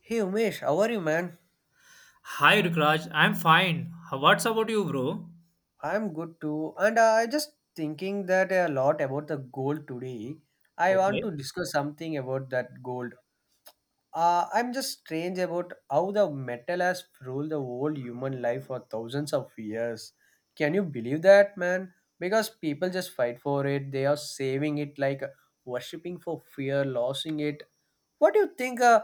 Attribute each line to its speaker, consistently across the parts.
Speaker 1: Hey Umesh, how are you, man?
Speaker 2: Hi Rukraj, I'm fine. What's about you, bro?
Speaker 1: I'm good too, and I just thinking that a lot about the gold today. I want
Speaker 2: Okay.
Speaker 1: to discuss something about that gold. I'm just strange about how the metal has ruled the whole human life for thousands of years. Can you believe that, man? Because people just fight for it. They are saving it like worshipping for fear, losing it. What do you think?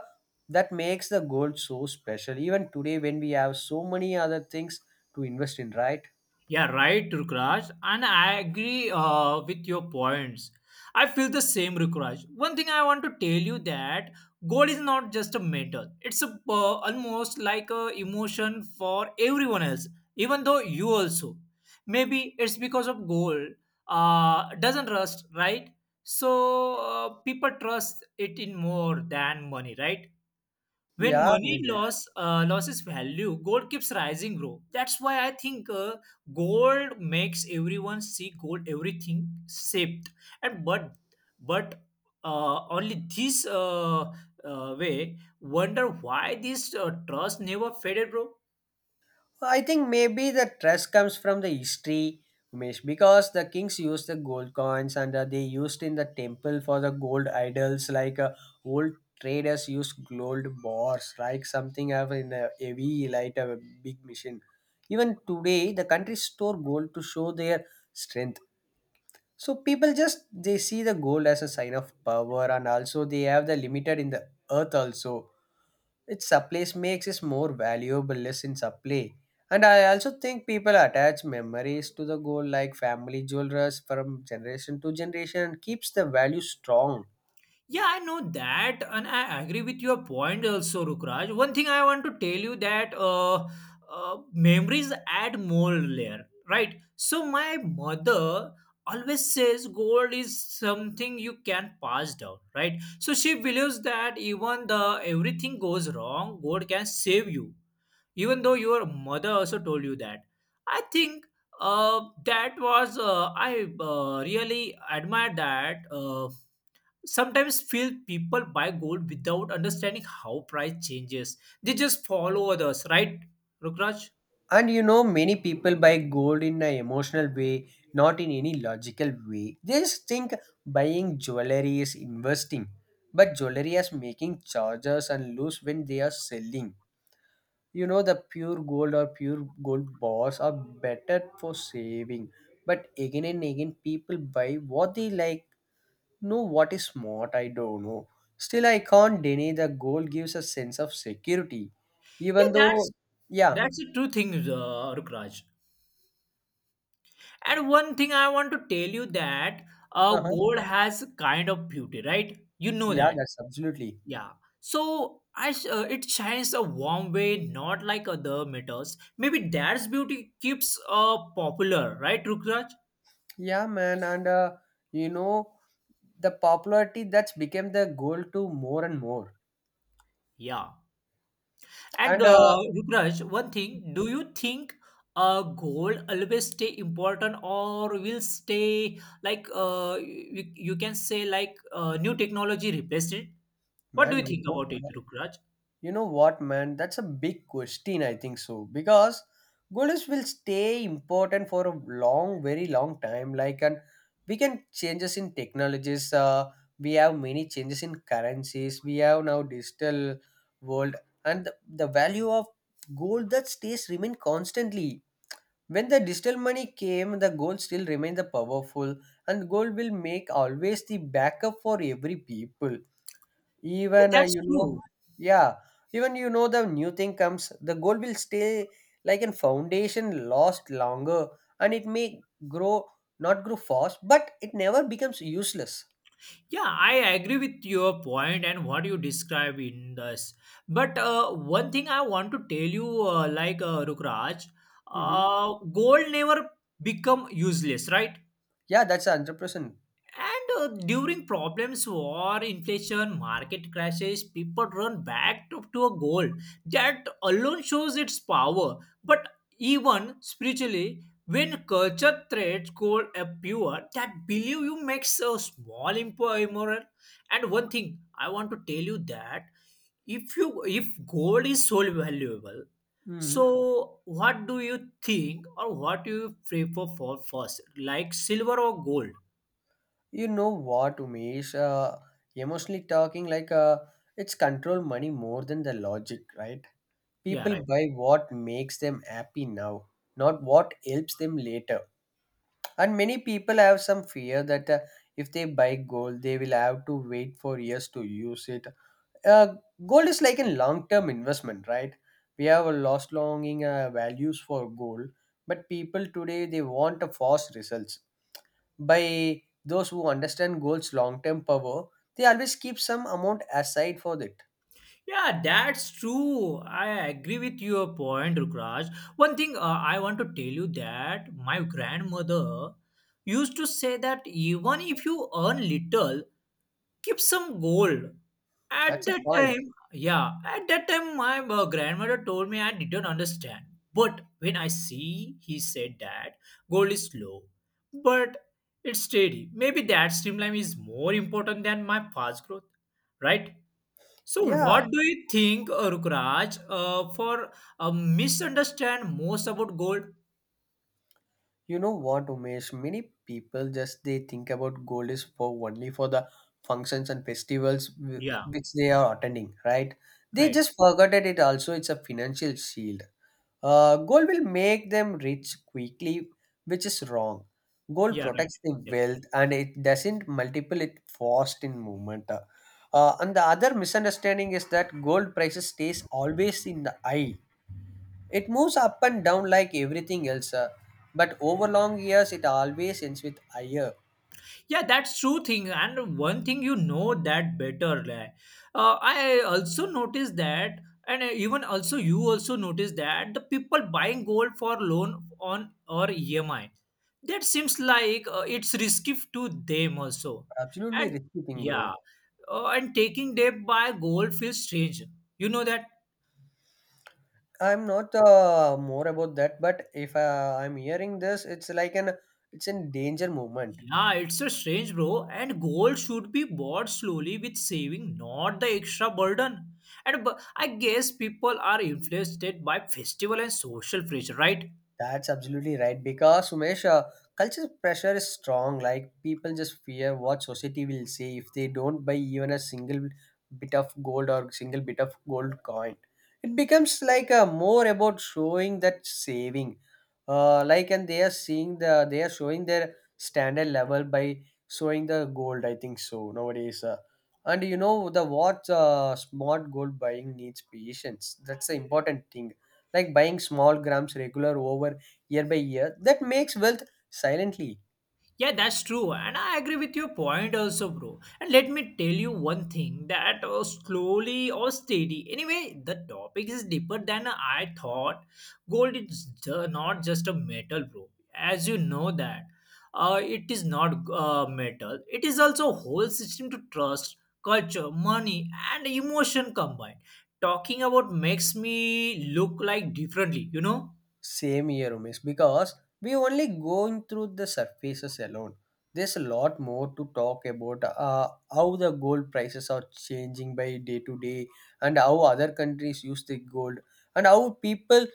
Speaker 1: That makes the gold so special even today when we have so many other things to invest in, right?
Speaker 2: Yeah, right, Rukraj. And I agree with your points. I feel the same, Rukraj. One thing I want to tell you that gold is not just a metal. It's almost like a emotion for everyone else, even though you also. Maybe it's because of gold doesn't rust, right? So people trust it in more than money, right? When
Speaker 1: Yeah,
Speaker 2: money
Speaker 1: Mohit.
Speaker 2: loss loses value, gold keeps rising, bro. That's why I think gold makes everyone see gold everything saved. And but only this Way wonder why this trust never faded, bro.
Speaker 1: I think maybe the trust comes from the history, Umesh, because the kings used the gold coins and they used in the temple for the gold idols. Old traders used gold bars, like something have in a heavy light a big machine. Even today, the countries store gold to show their strength. So people just they see the gold as a sign of power, and also they have the limited in the earth also. Its supply makes it more valuable, less in supply. And I also think people attach memories to the gold, like family jewelers from generation to generation, and keeps the value strong.
Speaker 2: Yeah, I know that, and I agree with your point also, Rukraj. One thing I want to tell you that memories add more layer, right? So my mother always says gold is something you can pass down, right? So she believes that even the everything goes wrong, gold can save you. Even though your mother also told you that, I think uh, that was I really admire that. Sometimes feel people buy gold without understanding how price changes. They just follow others, right, Rukraj?
Speaker 1: And you know, many people buy gold in an emotional way, not in any logical way. They just think buying jewelry is investing, but jewelry is making charges and lose when they are selling. You know, the pure gold or pure gold bars are better for saving, but again and again, people buy what they like. No, what is smart? I don't know. Still, I can't deny that gold gives a sense of security,
Speaker 2: yeah
Speaker 1: even though,
Speaker 2: that's
Speaker 1: yeah,
Speaker 2: that's a true thing, Rukraj. And one thing I want to tell you that
Speaker 1: uh-huh,
Speaker 2: gold has a kind of beauty, right? You know
Speaker 1: yeah,
Speaker 2: that.
Speaker 1: that's absolutely.
Speaker 2: Yeah. So it shines a warm way, not like other metals. Maybe that's beauty keeps popular, right, Rukraj?
Speaker 1: Yeah, man, and you know the popularity that's became the goal to more and more.
Speaker 2: Yeah. And
Speaker 1: And uh,
Speaker 2: Rukraj, one thing, do you think a goal always stay important or will stay like you can say, like new technology replaced it? What do you
Speaker 1: you
Speaker 2: think
Speaker 1: go,
Speaker 2: about it, Rukraj?
Speaker 1: you know what, man? That's a big question. I think so because gold is will stay important for a long, very long time. Like, and we can changes in technologies. We have many changes in currencies. We have now digital world, and the value of gold that stays remain constantly. When the digital money came, the gold still remained the powerful, and gold will make always the backup for every people.
Speaker 2: Yeah,
Speaker 1: Even
Speaker 2: that's
Speaker 1: you know,
Speaker 2: true.
Speaker 1: yeah, even you know the new thing comes, the gold will stay like a foundation, last longer, and it may grow not grow fast, but it never becomes useless.
Speaker 2: Yeah, I agree with your point and what you describe in this. But one thing I want to tell you, Rukraj,
Speaker 1: Hmm.
Speaker 2: goal never become useless, right?
Speaker 1: Yeah, that's 100%.
Speaker 2: And during problems, war, inflation, market crashes, people run back to a goal. That alone shows its power. But even spiritually, when culture threats goal appear, that believe you makes a immoral. And one thing I want to tell you that if gold is so valuable,
Speaker 1: Mm.
Speaker 2: so what do you think or what do you prefer for first, like silver or gold?
Speaker 1: You know what, Umesh? Emotionally talking, it's control money more than the logic, right?
Speaker 2: Yeah,
Speaker 1: People
Speaker 2: right.
Speaker 1: buy what makes them happy now, not what helps them later. And many people have some fear that if they buy gold, they will have to wait for years to use it. Uh, Gold is like a long term investment, right? We have a lost longing values for gold, but people today they want a fast results. By those who understand gold's long term power, they always keep some amount aside for it.
Speaker 2: Yeah, that's true. I agree with your point, Rukraj. One thing I want to tell you that my grandmother used to say that even if you earn little, keep some gold. At
Speaker 1: That's a
Speaker 2: that
Speaker 1: point.
Speaker 2: time, yeah, at that time, my grandmother told me I didn't understand. But when I see, he said that gold is slow, but it's steady. Maybe that streamline is more important than my fast growth, right? So,
Speaker 1: Yeah,
Speaker 2: what do you think, Rukraj, for misunderstand most about gold?
Speaker 1: you know what, Umesh? Many people just they think about gold is for only for the functions and festivals
Speaker 2: Yeah,
Speaker 1: which they are attending, right? They
Speaker 2: right.
Speaker 1: just forgot that it also it's a financial shield. Gold will make them rich quickly, which is wrong. Gold
Speaker 2: Yeah, right.
Speaker 1: protects the
Speaker 2: Yeah.
Speaker 1: wealth and it doesn't multiple it fast in movement. And the other misunderstanding is that gold prices stays always in the high, it moves up and down like everything else, but over long years, it always ends with higher.
Speaker 2: Yeah, that's true thing. And one thing you know that better. Like, I also noticed that, and even also you also noticed that the people buying gold for loan on or EMI. That seems like it's risky to them also.
Speaker 1: Absolutely
Speaker 2: And
Speaker 1: risky thing, bro.
Speaker 2: yeah, and taking debt by gold feels strange. You know that?
Speaker 1: I'm not more about that, but if I'm hearing this, it's like an it's in danger movement.
Speaker 2: Yeah, it's a strange, bro. And gold should be bought slowly with saving, not the extra burden. And I guess people are influenced by festival and social pressure, right?
Speaker 1: That's absolutely right. Because Umesh, culture pressure is strong. Like people just fear what society will say if they don't buy even a single bit of gold or single bit of gold coin. It becomes like more about showing that saving, like and they are seeing the they are showing their standard level by showing the gold. I think so nowadays. And you know the what smart gold buying needs patience. That's the important thing, like buying small grams regular over year by year, that makes wealth silently.
Speaker 2: Yeah, that's true. And I agree with your point also, bro. And let me tell you one thing that slowly or steady. Anyway, the topic is deeper than I thought. Not just a metal, bro. As you know that. It is not metal. It is also a whole system to trust, culture, money, and emotion combined. Talking about makes me look like differently, you know?
Speaker 1: Same year, Umesh, because we only going through the surfaces alone. There's a lot more to talk about, how the gold prices are changing by day to day, and how other countries use the gold, and how people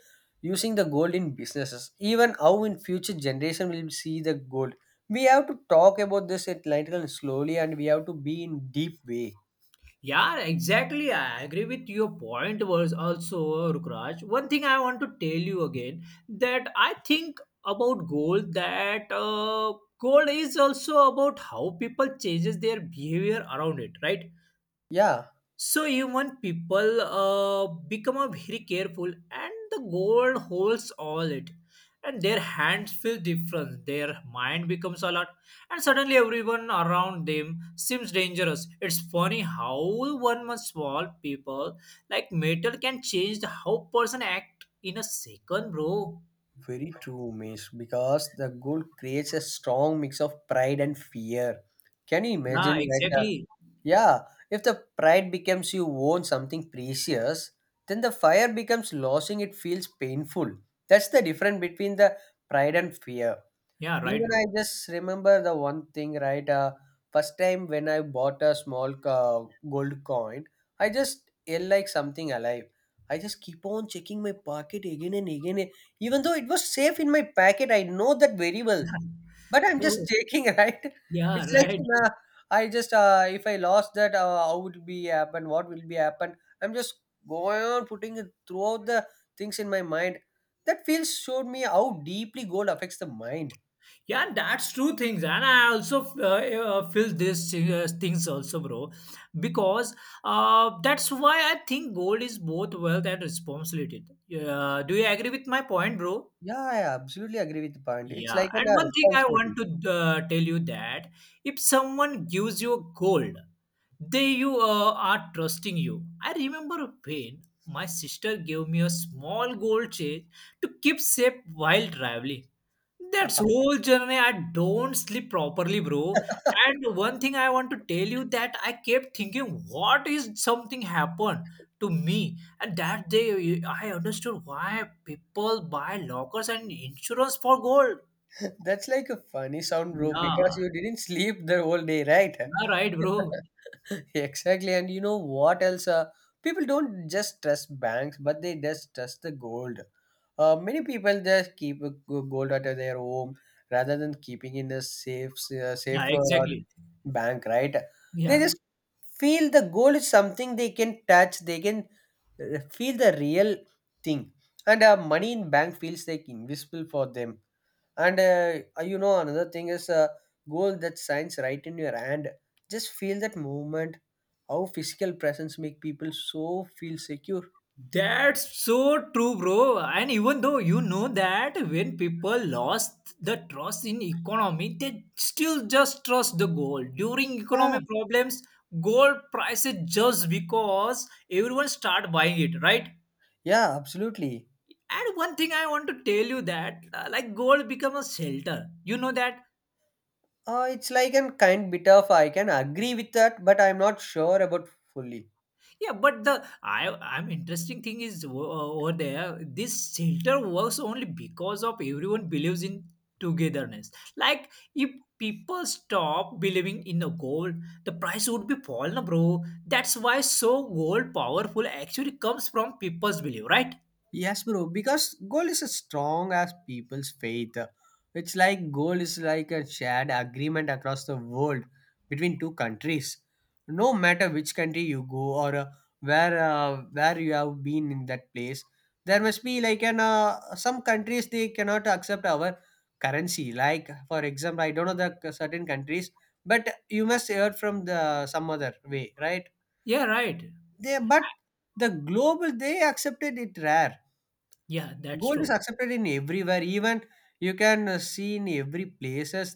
Speaker 1: using the gold in businesses, even how in future generation will see the gold. We have to talk about this at length and slowly, and we have to be in deep way.
Speaker 2: Yeah, exactly. I agree with your point was also Rukraj. One thing I want to tell you again that I think about gold that gold is also about how people changes their behavior around it, right?
Speaker 1: Yeah.
Speaker 2: So even people become a very careful, and the gold holds all it, and their hands feel different. Their mind becomes a lot, and suddenly everyone around them seems dangerous. It's funny how one much small people like metal can change the how person act in a second, bro.
Speaker 1: Very true, Miss, because the gold creates a strong mix of pride and fear. Can you
Speaker 2: Yeah,
Speaker 1: imagine that?
Speaker 2: exactly.
Speaker 1: Yeah, if the pride becomes you own something precious, then the fire becomes losing, it feels painful. That's the difference between the pride and fear.
Speaker 2: Yeah,
Speaker 1: Even
Speaker 2: right, bro.
Speaker 1: I just remember the one thing, right? First time when I bought a gold coin, I just yell like something alive. I just keep on checking my pocket again and again. Even though it was safe in my pocket, I know that very well. But I'm
Speaker 2: Oh,
Speaker 1: just checking, right?
Speaker 2: yeah,
Speaker 1: It's like
Speaker 2: right.
Speaker 1: nah, I just if I lost that, how would be happen? What will be happen? I'm just going on putting it throughout the things in my mind. That feels showed me how deeply gold affects the mind.
Speaker 2: Yeah, that's true things, and I also feel these things also, bro, because that's why I think gold is both wealth and responsibility. Do you agree with my point, bro?
Speaker 1: Yeah, I absolutely agree with the point. It's
Speaker 2: Yeah,
Speaker 1: like an
Speaker 2: and one thing I want
Speaker 1: responsibility.
Speaker 2: to tell you that if someone gives you gold, they you are trusting you. I remember when my sister gave me a small gold chain to keep safe while traveling. That's whole journey. I don't sleep properly, bro. And one thing I want to tell you that I kept thinking, what is something happened to me? And that day, I understood why people buy lockers and insurance for gold.
Speaker 1: That's like a funny sound, bro, because you
Speaker 2: Yeah,
Speaker 1: didn't sleep the whole day, right?
Speaker 2: yeah, right, bro.
Speaker 1: Exactly. And you know what else? People don't just trust banks, but they just trust the gold. Many people just keep a gold at their home rather than keeping in a safe,
Speaker 2: Yeah,
Speaker 1: safer or
Speaker 2: exactly.
Speaker 1: bank, right? They
Speaker 2: Yeah.
Speaker 1: just feel the goal is something they can touch, they can feel the real thing, and money in bank feels like invisible for them, and you know another thing is a goal that shines right in your hand, just feel that movement, how physical presence make people so feel secure.
Speaker 2: That's so true, bro. And even though you know that when people lost the trust in economy, they still just trust the gold. During
Speaker 1: Yeah.
Speaker 2: economic problems, gold prices just because everyone start buying it, right?
Speaker 1: Yeah, absolutely.
Speaker 2: And one thing I want to tell you that like gold become a shelter. You know that.
Speaker 1: It's like a kind bit of I can agree with that, but I'm not sure about fully.
Speaker 2: Yeah, but the I I'm interesting thing is over there. This shelter works only because of everyone believes in togetherness. Like if people stop believing in the gold, the price would be fall, na, bro. That's why so gold powerful actually comes from people's belief, right?
Speaker 1: Yes, bro, because goal is as strong as people's faith. It's like goal is like a shared agreement across the world between two countries. No matter which country you go or where you have been in that place, there must be like an some countries they cannot accept our currency. Like for example, I don't know the certain countries, but you must hear from the some other way, right?
Speaker 2: Yeah, right.
Speaker 1: They but the global they accepted it rare.
Speaker 2: Yeah, that's
Speaker 1: Gold
Speaker 2: true.
Speaker 1: is accepted in everywhere, even you can see in every places,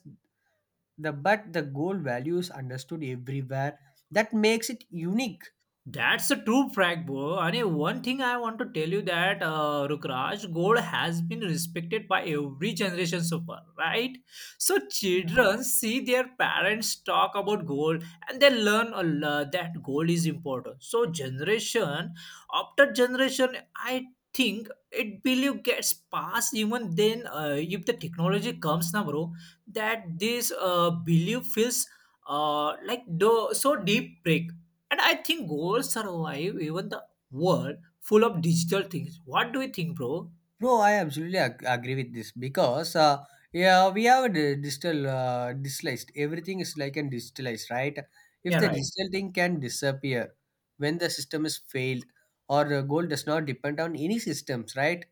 Speaker 1: the but the gold value is understood everywhere, that makes it unique.
Speaker 2: That's a true fact, bro. And one thing I want to tell you that Rukraj, gold has been respected by every generation so far, right? So children see their parents talk about gold, and they learn that gold is important. So generation after generation, I think it believe gets passed even then if the technology comes now, bro. That this belief feels like the so deep break, and I think goals survive even the world full of digital things. What do you think, bro?
Speaker 1: No, I absolutely agree with this because yeah, we have the digital digitalized. Everything is like an digitalized, right? If
Speaker 2: Yeah,
Speaker 1: the
Speaker 2: right.
Speaker 1: digital thing can disappear when the system is failed, or the goal does not depend on any systems, right?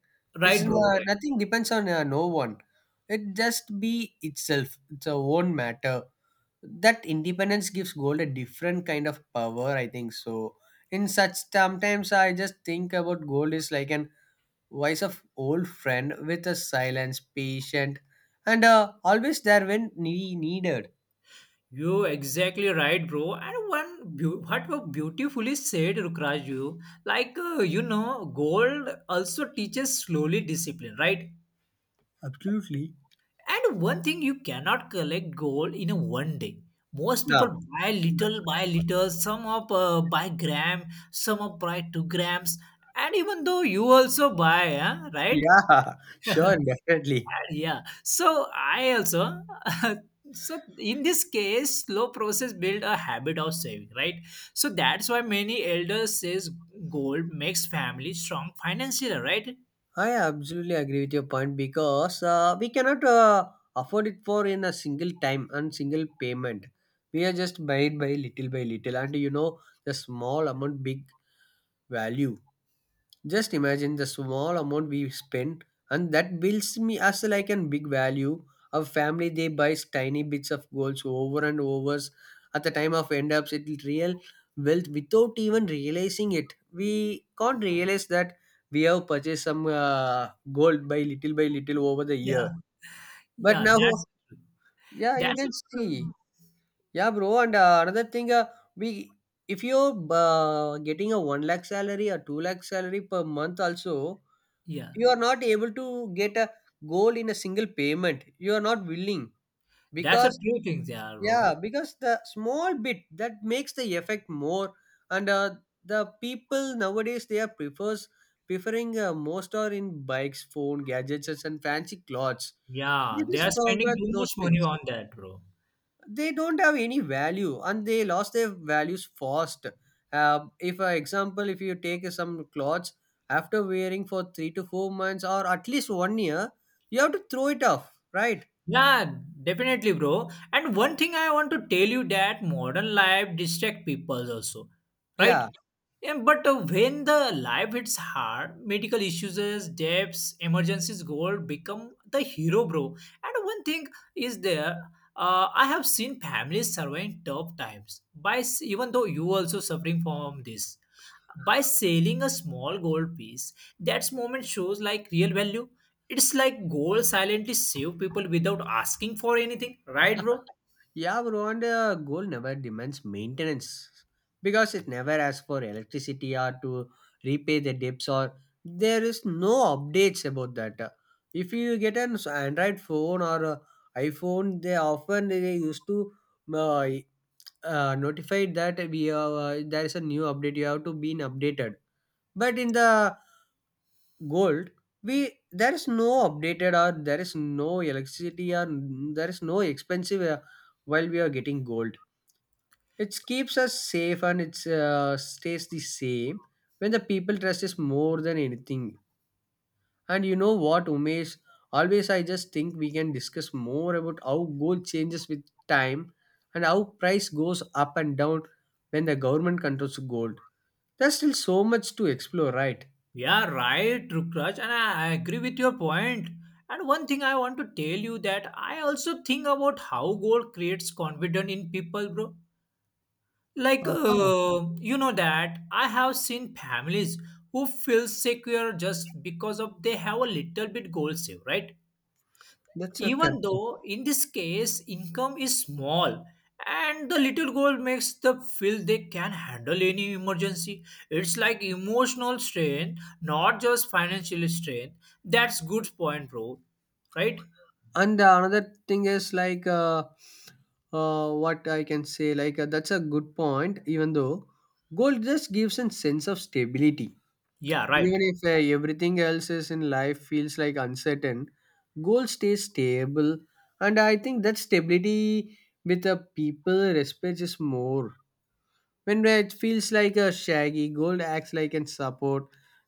Speaker 1: It's
Speaker 2: Right, bro. Right.
Speaker 1: nothing depends on no one. It just be itself. It's a own matter. That independence gives gold a different kind of power. I think so. In such sometimes I just think about gold is like an voice of old friend with a silence, patient, and always there when needed.
Speaker 2: You exactly right, bro. And one what was beautifully said, Rukraj, you like you know, gold also teaches slowly discipline, right?
Speaker 1: Absolutely.
Speaker 2: And one thing you cannot collect gold in a one day. Most people
Speaker 1: No.
Speaker 2: buy little by little, some of by gram, some of by 2 grams, and even though you also buy, huh, right?
Speaker 1: Yeah, sure, definitely.
Speaker 2: Yeah, so I also so in this case slow process build a habit of saving, right? So that's why many elders says gold makes family strong financially, right?
Speaker 1: I absolutely agree with your point because we cannot afford it for in a single time and single payment. We are just buying by little, and you know the small amount, big value. Just imagine the small amount we spend, and that builds me as like a big value. Our family they buys tiny bits of golds over and overs. At the time of end ups, it is real wealth without even realizing it. We can't realize that we have purchased some gold by little over the year.
Speaker 2: yeah
Speaker 1: But
Speaker 2: yeah
Speaker 1: now,
Speaker 2: that's
Speaker 1: yeah, you
Speaker 2: that's a
Speaker 1: can see,
Speaker 2: true-
Speaker 1: yeah, bro. And another thing, we if you're getting a one lakh salary or two lakh salary per month also,
Speaker 2: yeah
Speaker 1: you are not able to get a goal in a single payment. You are not willing
Speaker 2: that's a
Speaker 1: because
Speaker 2: true thing, yeah, bro.
Speaker 1: yeah, because the small bit that makes the effect more, and the people nowadays they are prefers preferring most are in bikes, phone, gadgets, and fancy clothes.
Speaker 2: Yeah,
Speaker 1: They
Speaker 2: they
Speaker 1: just
Speaker 2: are spending
Speaker 1: forgot
Speaker 2: too much
Speaker 1: those
Speaker 2: money
Speaker 1: things.
Speaker 2: on that, bro.
Speaker 1: They don't have any value and they lost their values fast. If for example if you take some clothes after wearing for 3 to 4 months or at least 1 year, you have to throw it off, right?
Speaker 2: Yeah, definitely, bro. And one thing I want to tell you that modern life distract people also,
Speaker 1: Yeah,
Speaker 2: right? Yeah, but when the life hits hard, medical issues, deaths, emergencies, goal become the hero, bro. And one thing is there, I have seen families surviving tough times by even though you also suffering from this by selling a small gold piece. That moment shows like real value. It's like gold silently save people without asking for anything, right, bro?
Speaker 1: yeah, bro. And gold never demands maintenance, because it never asks for electricity or to repay the debts, or there is no updates about that. If you get an android phone or a iphone, they often they used to uh, notified that we are, there is a new update, you have to be updated. But in the gold, we there is no updated, or there is no electricity, or there is no expensive while we are getting gold. It keeps us safe and it stays the same when the people trust is more than anything. And you know what, Umesh? Always I just think we can discuss more about how gold changes with time, and how price goes up and down when the government controls gold. There's still so much to explore, right?
Speaker 2: Yeah, right, Rukraj, and I agree with your point. And one thing I want to tell you that I also think about how gold creates confidence in people, bro. Like
Speaker 1: Uh-huh.
Speaker 2: you know that I have seen families who feel secure just because of they have a little bit gold save, right?
Speaker 1: That's a correct
Speaker 2: Even
Speaker 1: thing.
Speaker 2: though in this case income is small, and the little goal makes them feel they can handle any emergency. It's like emotional strain, not just financial strain. That's good point, bro. Right.
Speaker 1: And another thing is like, what I can say, like, that's a good point. Even though gold just gives a sense of stability,
Speaker 2: Yeah, right.
Speaker 1: even if everything else is in life feels like uncertain, goal stays stable, and I think that stability with the people respects is more. When it feels like a shaggy, gold acts like a support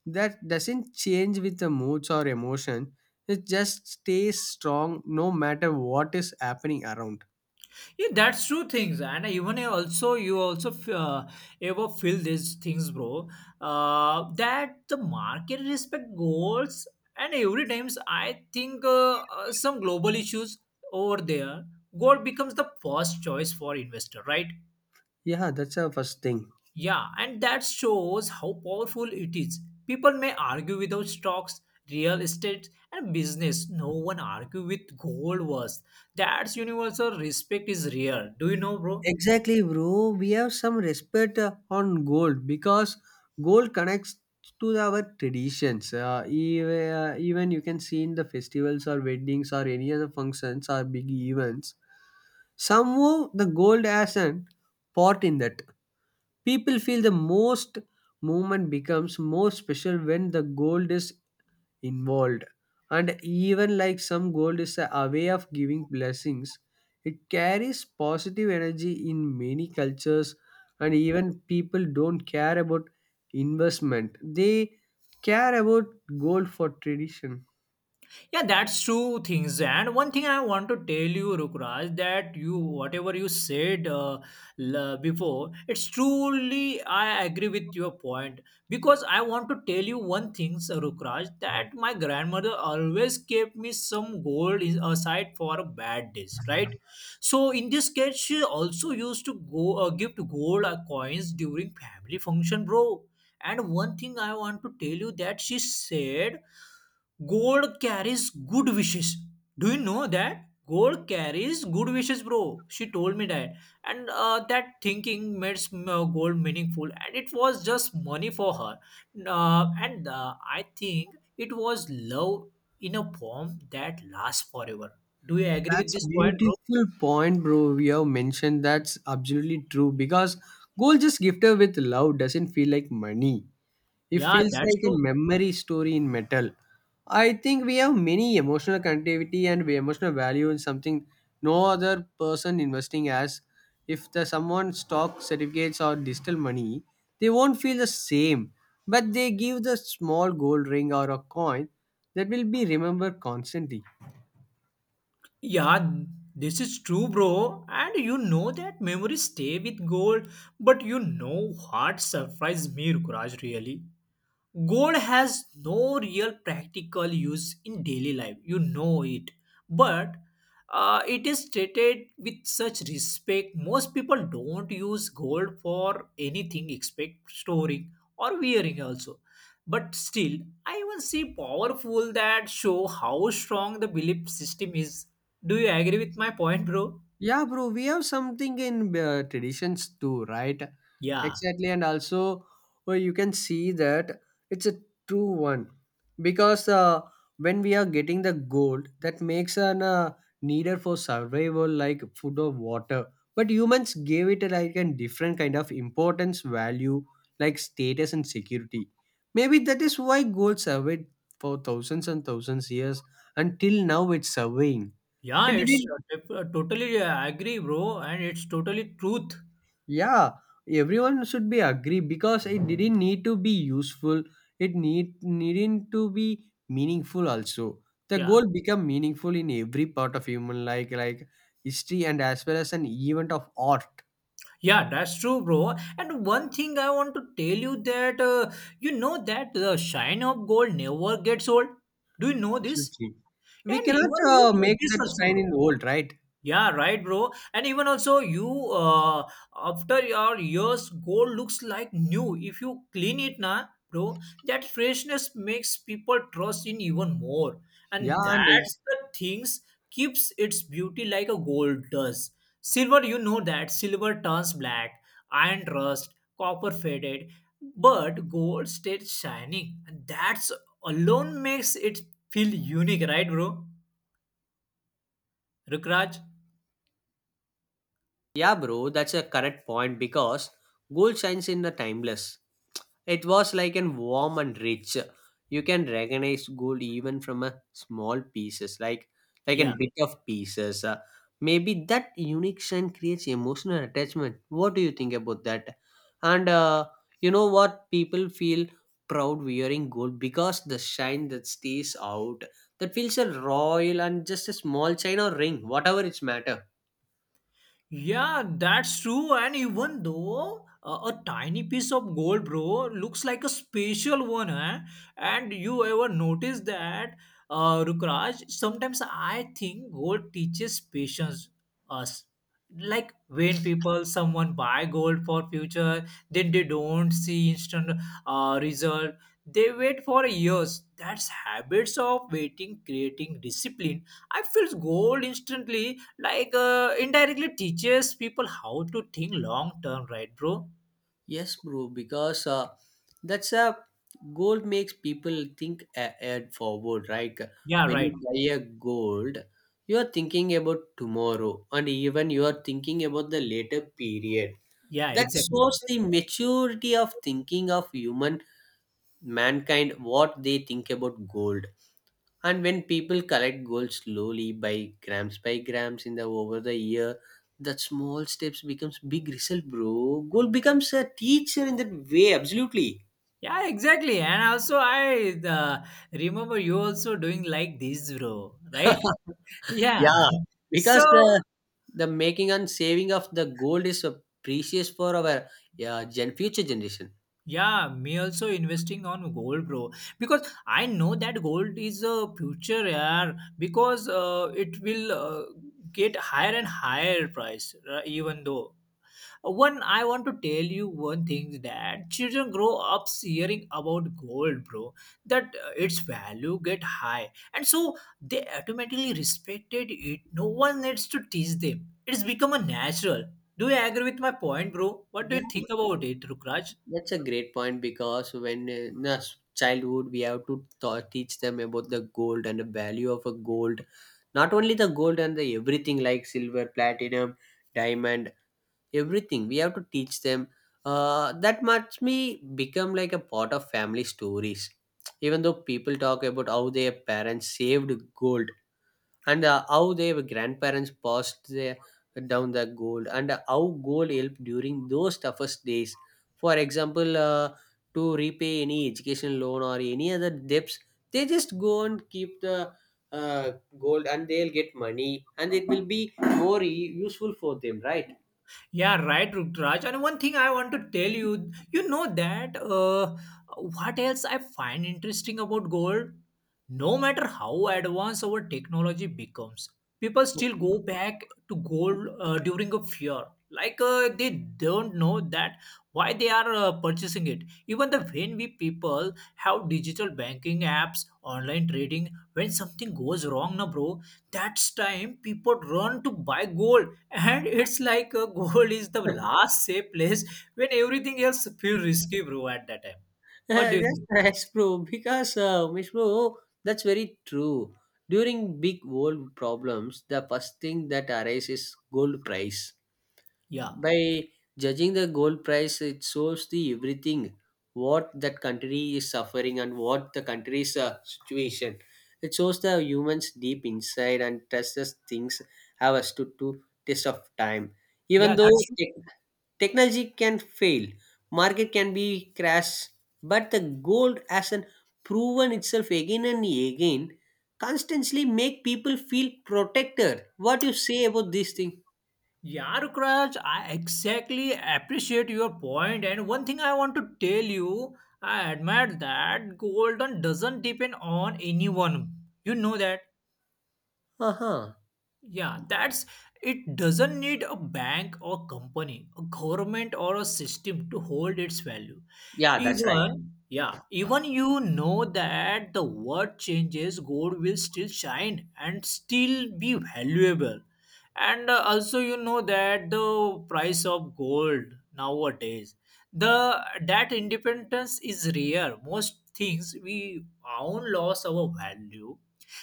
Speaker 1: that doesn't change with the moods or emotion. It just stays strong no matter what is happening around.
Speaker 2: Yeah, that's true things, and even I also you also ever feel these things, bro. That the market respect goals, and every times I think some global issues over there, gold becomes the first choice for investor, right?
Speaker 1: Yeah, that's our first thing.
Speaker 2: Yeah, and that shows how powerful it is. People may argue without stocks, real estate, and business. No one argue with gold was. That's universal respect is real. Do you know, bro?
Speaker 1: Exactly, bro. We have some respect on gold, because gold connects to our traditions. Even you can see in the festivals or weddings or any other functions or big events, somehow the gold has an part in that. People feel the most movement becomes more special when the gold is involved. And even like some gold is a way of giving blessings, it carries positive energy in many cultures. And even people don't care about investment, they care about gold for tradition.
Speaker 2: Yeah, that's true things. And one thing I want to tell you, Rukraj, that you whatever you said before, it's truly I agree with your point, because I want to tell you one thing, Rukraj, that my grandmother always kept me some aside for a bad days, right? So in this case, she also used to go give to gold coins during family function, bro. And one thing I want to tell you that she said gold carries good wishes. Do you know that? Gold carries good wishes, bro. She told me that. And that thinking made gold meaningful, and it was just money for her. And I think it was love in a form that lasts forever. Do you agree with
Speaker 1: That's
Speaker 2: this point, bro?
Speaker 1: beautiful point, bro. We have mentioned that's absolutely true, because gold just gifted with love doesn't feel like money. It
Speaker 2: Yeah,
Speaker 1: feels
Speaker 2: that's
Speaker 1: like a
Speaker 2: true.
Speaker 1: memory story in metal. I think we have many emotional connectivity and emotional value in something no other person investing as. If the someone stock certificates or digital money, they won't feel the same. But they give the small gold ring or a coin, that will be remembered constantly.
Speaker 2: Yeah, this is true, bro. And you know that memories stay with gold, but you know what surprised me, Rukraj, really? Gold has no real practical use in daily life, you know it, but it is treated with such respect. Most people don't use gold for anything except storing or wearing also, but still I even see powerful that show how strong the belief system is. Do you agree with my point, bro?
Speaker 1: Yeah, bro, we have something in traditions too, right?
Speaker 2: yeah
Speaker 1: Exactly, and also, well, you can see that it's a true one, because when we are getting the gold, that makes an needed for survival, like food or water. But humans gave it like a different kind of importance, value, like status and security. Maybe that is why gold survived for thousands and thousands years until now. It's surveying.
Speaker 2: yeah
Speaker 1: It
Speaker 2: it's
Speaker 1: didn't.
Speaker 2: totally agree, bro, and it's totally truth.
Speaker 1: Yeah, everyone should be agree because it didn't need to be useful. It needn't to be meaningful also. The
Speaker 2: Yeah.
Speaker 1: goal become meaningful in every part of human, like history and as well as an event of art.
Speaker 2: Yeah, that's true, bro. And one thing I want to tell you that you know that the shine of gold never gets old. Do you know this?
Speaker 1: Absolutely, we
Speaker 2: And
Speaker 1: cannot
Speaker 2: even you know
Speaker 1: make
Speaker 2: this
Speaker 1: that
Speaker 2: also,
Speaker 1: shine
Speaker 2: bro.
Speaker 1: in old, right?
Speaker 2: Yeah, right, bro. And even also, you after your years, gold looks like new. If you clean it, na, bro, that freshness makes people trust in even more.
Speaker 1: Yeah,
Speaker 2: And
Speaker 1: and
Speaker 2: that's the things keeps its beauty like a gold does. Silver, you know that silver turns black, iron rust, copper faded, but gold stays shining. And that's alone makes it feel unique, right, bro? Rukraj.
Speaker 1: yeah, bro, that's a correct point, because gold shines in the timeless. It was like an warm and rich. You can recognize gold even from a small pieces, like a
Speaker 2: Yeah.
Speaker 1: bit of pieces. Maybe that unique shine creates emotional attachment. What do you think about that? And you know what? People feel proud wearing gold because the shine that stays out, that feels a royal, and just a small chain or ring, whatever it's matter.
Speaker 2: Yeah, that's true. And even though a tiny piece of gold, bro, looks like a special one, eh? And you ever notice that, Rukraj? Sometimes I think gold teaches patience us. Like when people, someone buy gold for future, then they don't see instant result. They wait for years. That's habits of waiting, creating discipline. I feel gold instantly like indirectly teaches people how to think long term, right, bro?
Speaker 1: Yes, bro, because that's a goal makes people think ahead forward, right?
Speaker 2: Yeah,
Speaker 1: When you
Speaker 2: right.
Speaker 1: buy a gold, you are thinking about tomorrow, and even you are thinking about the later period.
Speaker 2: Yeah,
Speaker 1: That
Speaker 2: exactly.
Speaker 1: shows the maturity of thinking of human mankind, what they think about gold. And when people collect gold slowly by grams in the over the year, that small steps becomes big result, bro. Gold becomes a teacher in that way, absolutely.
Speaker 2: Yeah, exactly. And also I remember you also doing like this, bro, right? Yeah.
Speaker 1: Yeah,
Speaker 2: So
Speaker 1: because the making and saving of the gold is a precious for our, yeah, gen future generation.
Speaker 2: yeah, me also investing on gold, bro, because I know that gold is a future. Yeah, because it will get higher and higher price, even though one, I want to tell you one thing that children grow up hearing about gold, bro. That its value get high, and so they automatically respected it. No one needs to teach them. It's become a natural. Do you agree with my point, bro? What
Speaker 1: Yeah,
Speaker 2: do you think about it, Rukraj?
Speaker 1: that's a great point, because when in a childhood, we have to teach them about the gold and the value of a gold, not only the gold and the everything, like silver, platinum, diamond, everything. We have to teach them. That must me become like a part of family stories. Even though people talk about how their parents saved gold, and how their grandparents passed their, down the gold, and how gold helped during those toughest days, for example to repay any education loan or any other debts. They just go and keep the uh, gold, and they'll get money, and it will be more useful for them, right?
Speaker 2: Yeah, right, Rukraj. And one thing I want to tell you, you know that what else I find interesting about gold? No matter how advanced our technology becomes, people still
Speaker 1: Okay.
Speaker 2: go back to gold during a fear. Like they don't know that why they are purchasing it. Even the when we people have digital banking apps, online trading, when something goes wrong, na bro, that's time people run to buy gold, and it's like a goal is the last safe place when everything else feel risky, bro, at that time. What do you
Speaker 1: that's
Speaker 2: think?
Speaker 1: nice, bro. Because, Umesh, bro, that's very true. During big world problems, the first thing that arises is gold price.
Speaker 2: Yeah.
Speaker 1: By judging the gold price, it shows the everything what that country is suffering and what the country's situation. It shows the humans deep inside and tests us things, have us to test of time. Even
Speaker 2: Yeah,
Speaker 1: though
Speaker 2: that's true.
Speaker 1: technology can fail, market can be crash, but the gold has an proven itself again and again, constantly make people feel protected. What you say about this thing?
Speaker 2: Yeah, Rukraj, I exactly appreciate your point. And one thing I want to tell you, I admire that Golden doesn't depend on anyone. You know that?
Speaker 1: Uh-huh.
Speaker 2: Yeah, that's it doesn't need a bank or company, a government or a system to hold its value.
Speaker 1: Yeah, that's right.
Speaker 2: Even, yeah, even you know that the word changes, gold will still shine and still be valuable. And also, you know that the price of gold nowadays, the that independence is rare. Most things we own lost our value.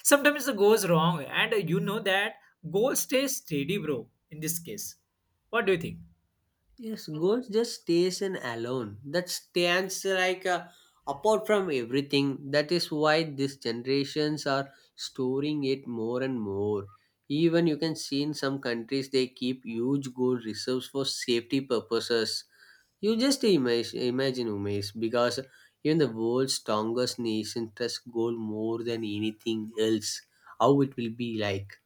Speaker 2: Sometimes it goes wrong, and you know that gold stays steady, bro. In this case, what do you think?
Speaker 1: Yes, God just stays in alone. That stands like apart from everything. That is why these generations are storing it more and more. Even you can see in some countries they keep huge gold reserves for safety purposes. You just imagine, imagine Umesh, because even the world's strongest nation trusts gold more than anything else. How it will be like?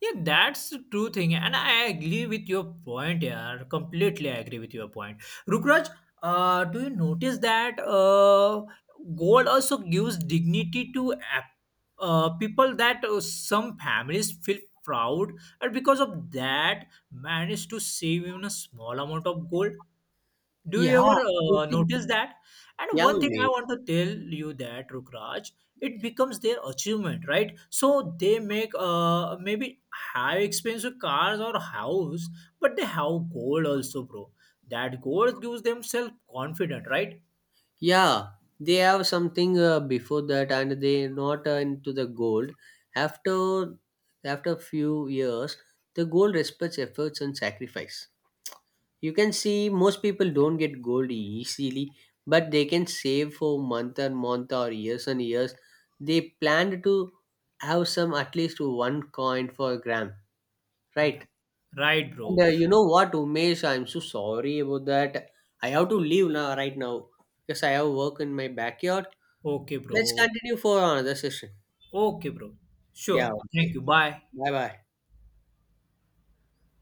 Speaker 2: Yeah, that's the true thing, and I agree with your point. Yeah, completely agree with your point. Rukraj, do you notice that gold also gives dignity to people that some families feel proud, and because of that, manage to save even a small amount of gold. Do
Speaker 1: Yeah,
Speaker 2: you ever
Speaker 1: absolutely.
Speaker 2: notice that? And
Speaker 1: Yeah,
Speaker 2: one thing I
Speaker 1: Umesh.
Speaker 2: want to tell you that Rukraj, it becomes their achievement, right? So they make maybe have expensive cars or house, but they have gold also, bro. That gold gives them self confident, right?
Speaker 1: Yeah, they have something before that, and they not into the gold. After After few years, the gold respects efforts and sacrifice. You can see most people don't get gold easily, but they can save for month and month or years and years. They planned to have some at least one coin for gram, right?
Speaker 2: Yeah, right,
Speaker 1: And
Speaker 2: bro.
Speaker 1: uh, you know what, Umesh, I'm so sorry about that. I have to leave now right now because I have work in my backyard.
Speaker 2: Okay,
Speaker 1: Let's
Speaker 2: bro.
Speaker 1: continue for another session.
Speaker 2: Okay, bro.
Speaker 1: Yeah,
Speaker 2: Sure. Thank
Speaker 1: okay.
Speaker 2: you. Bye.
Speaker 1: Bye bye.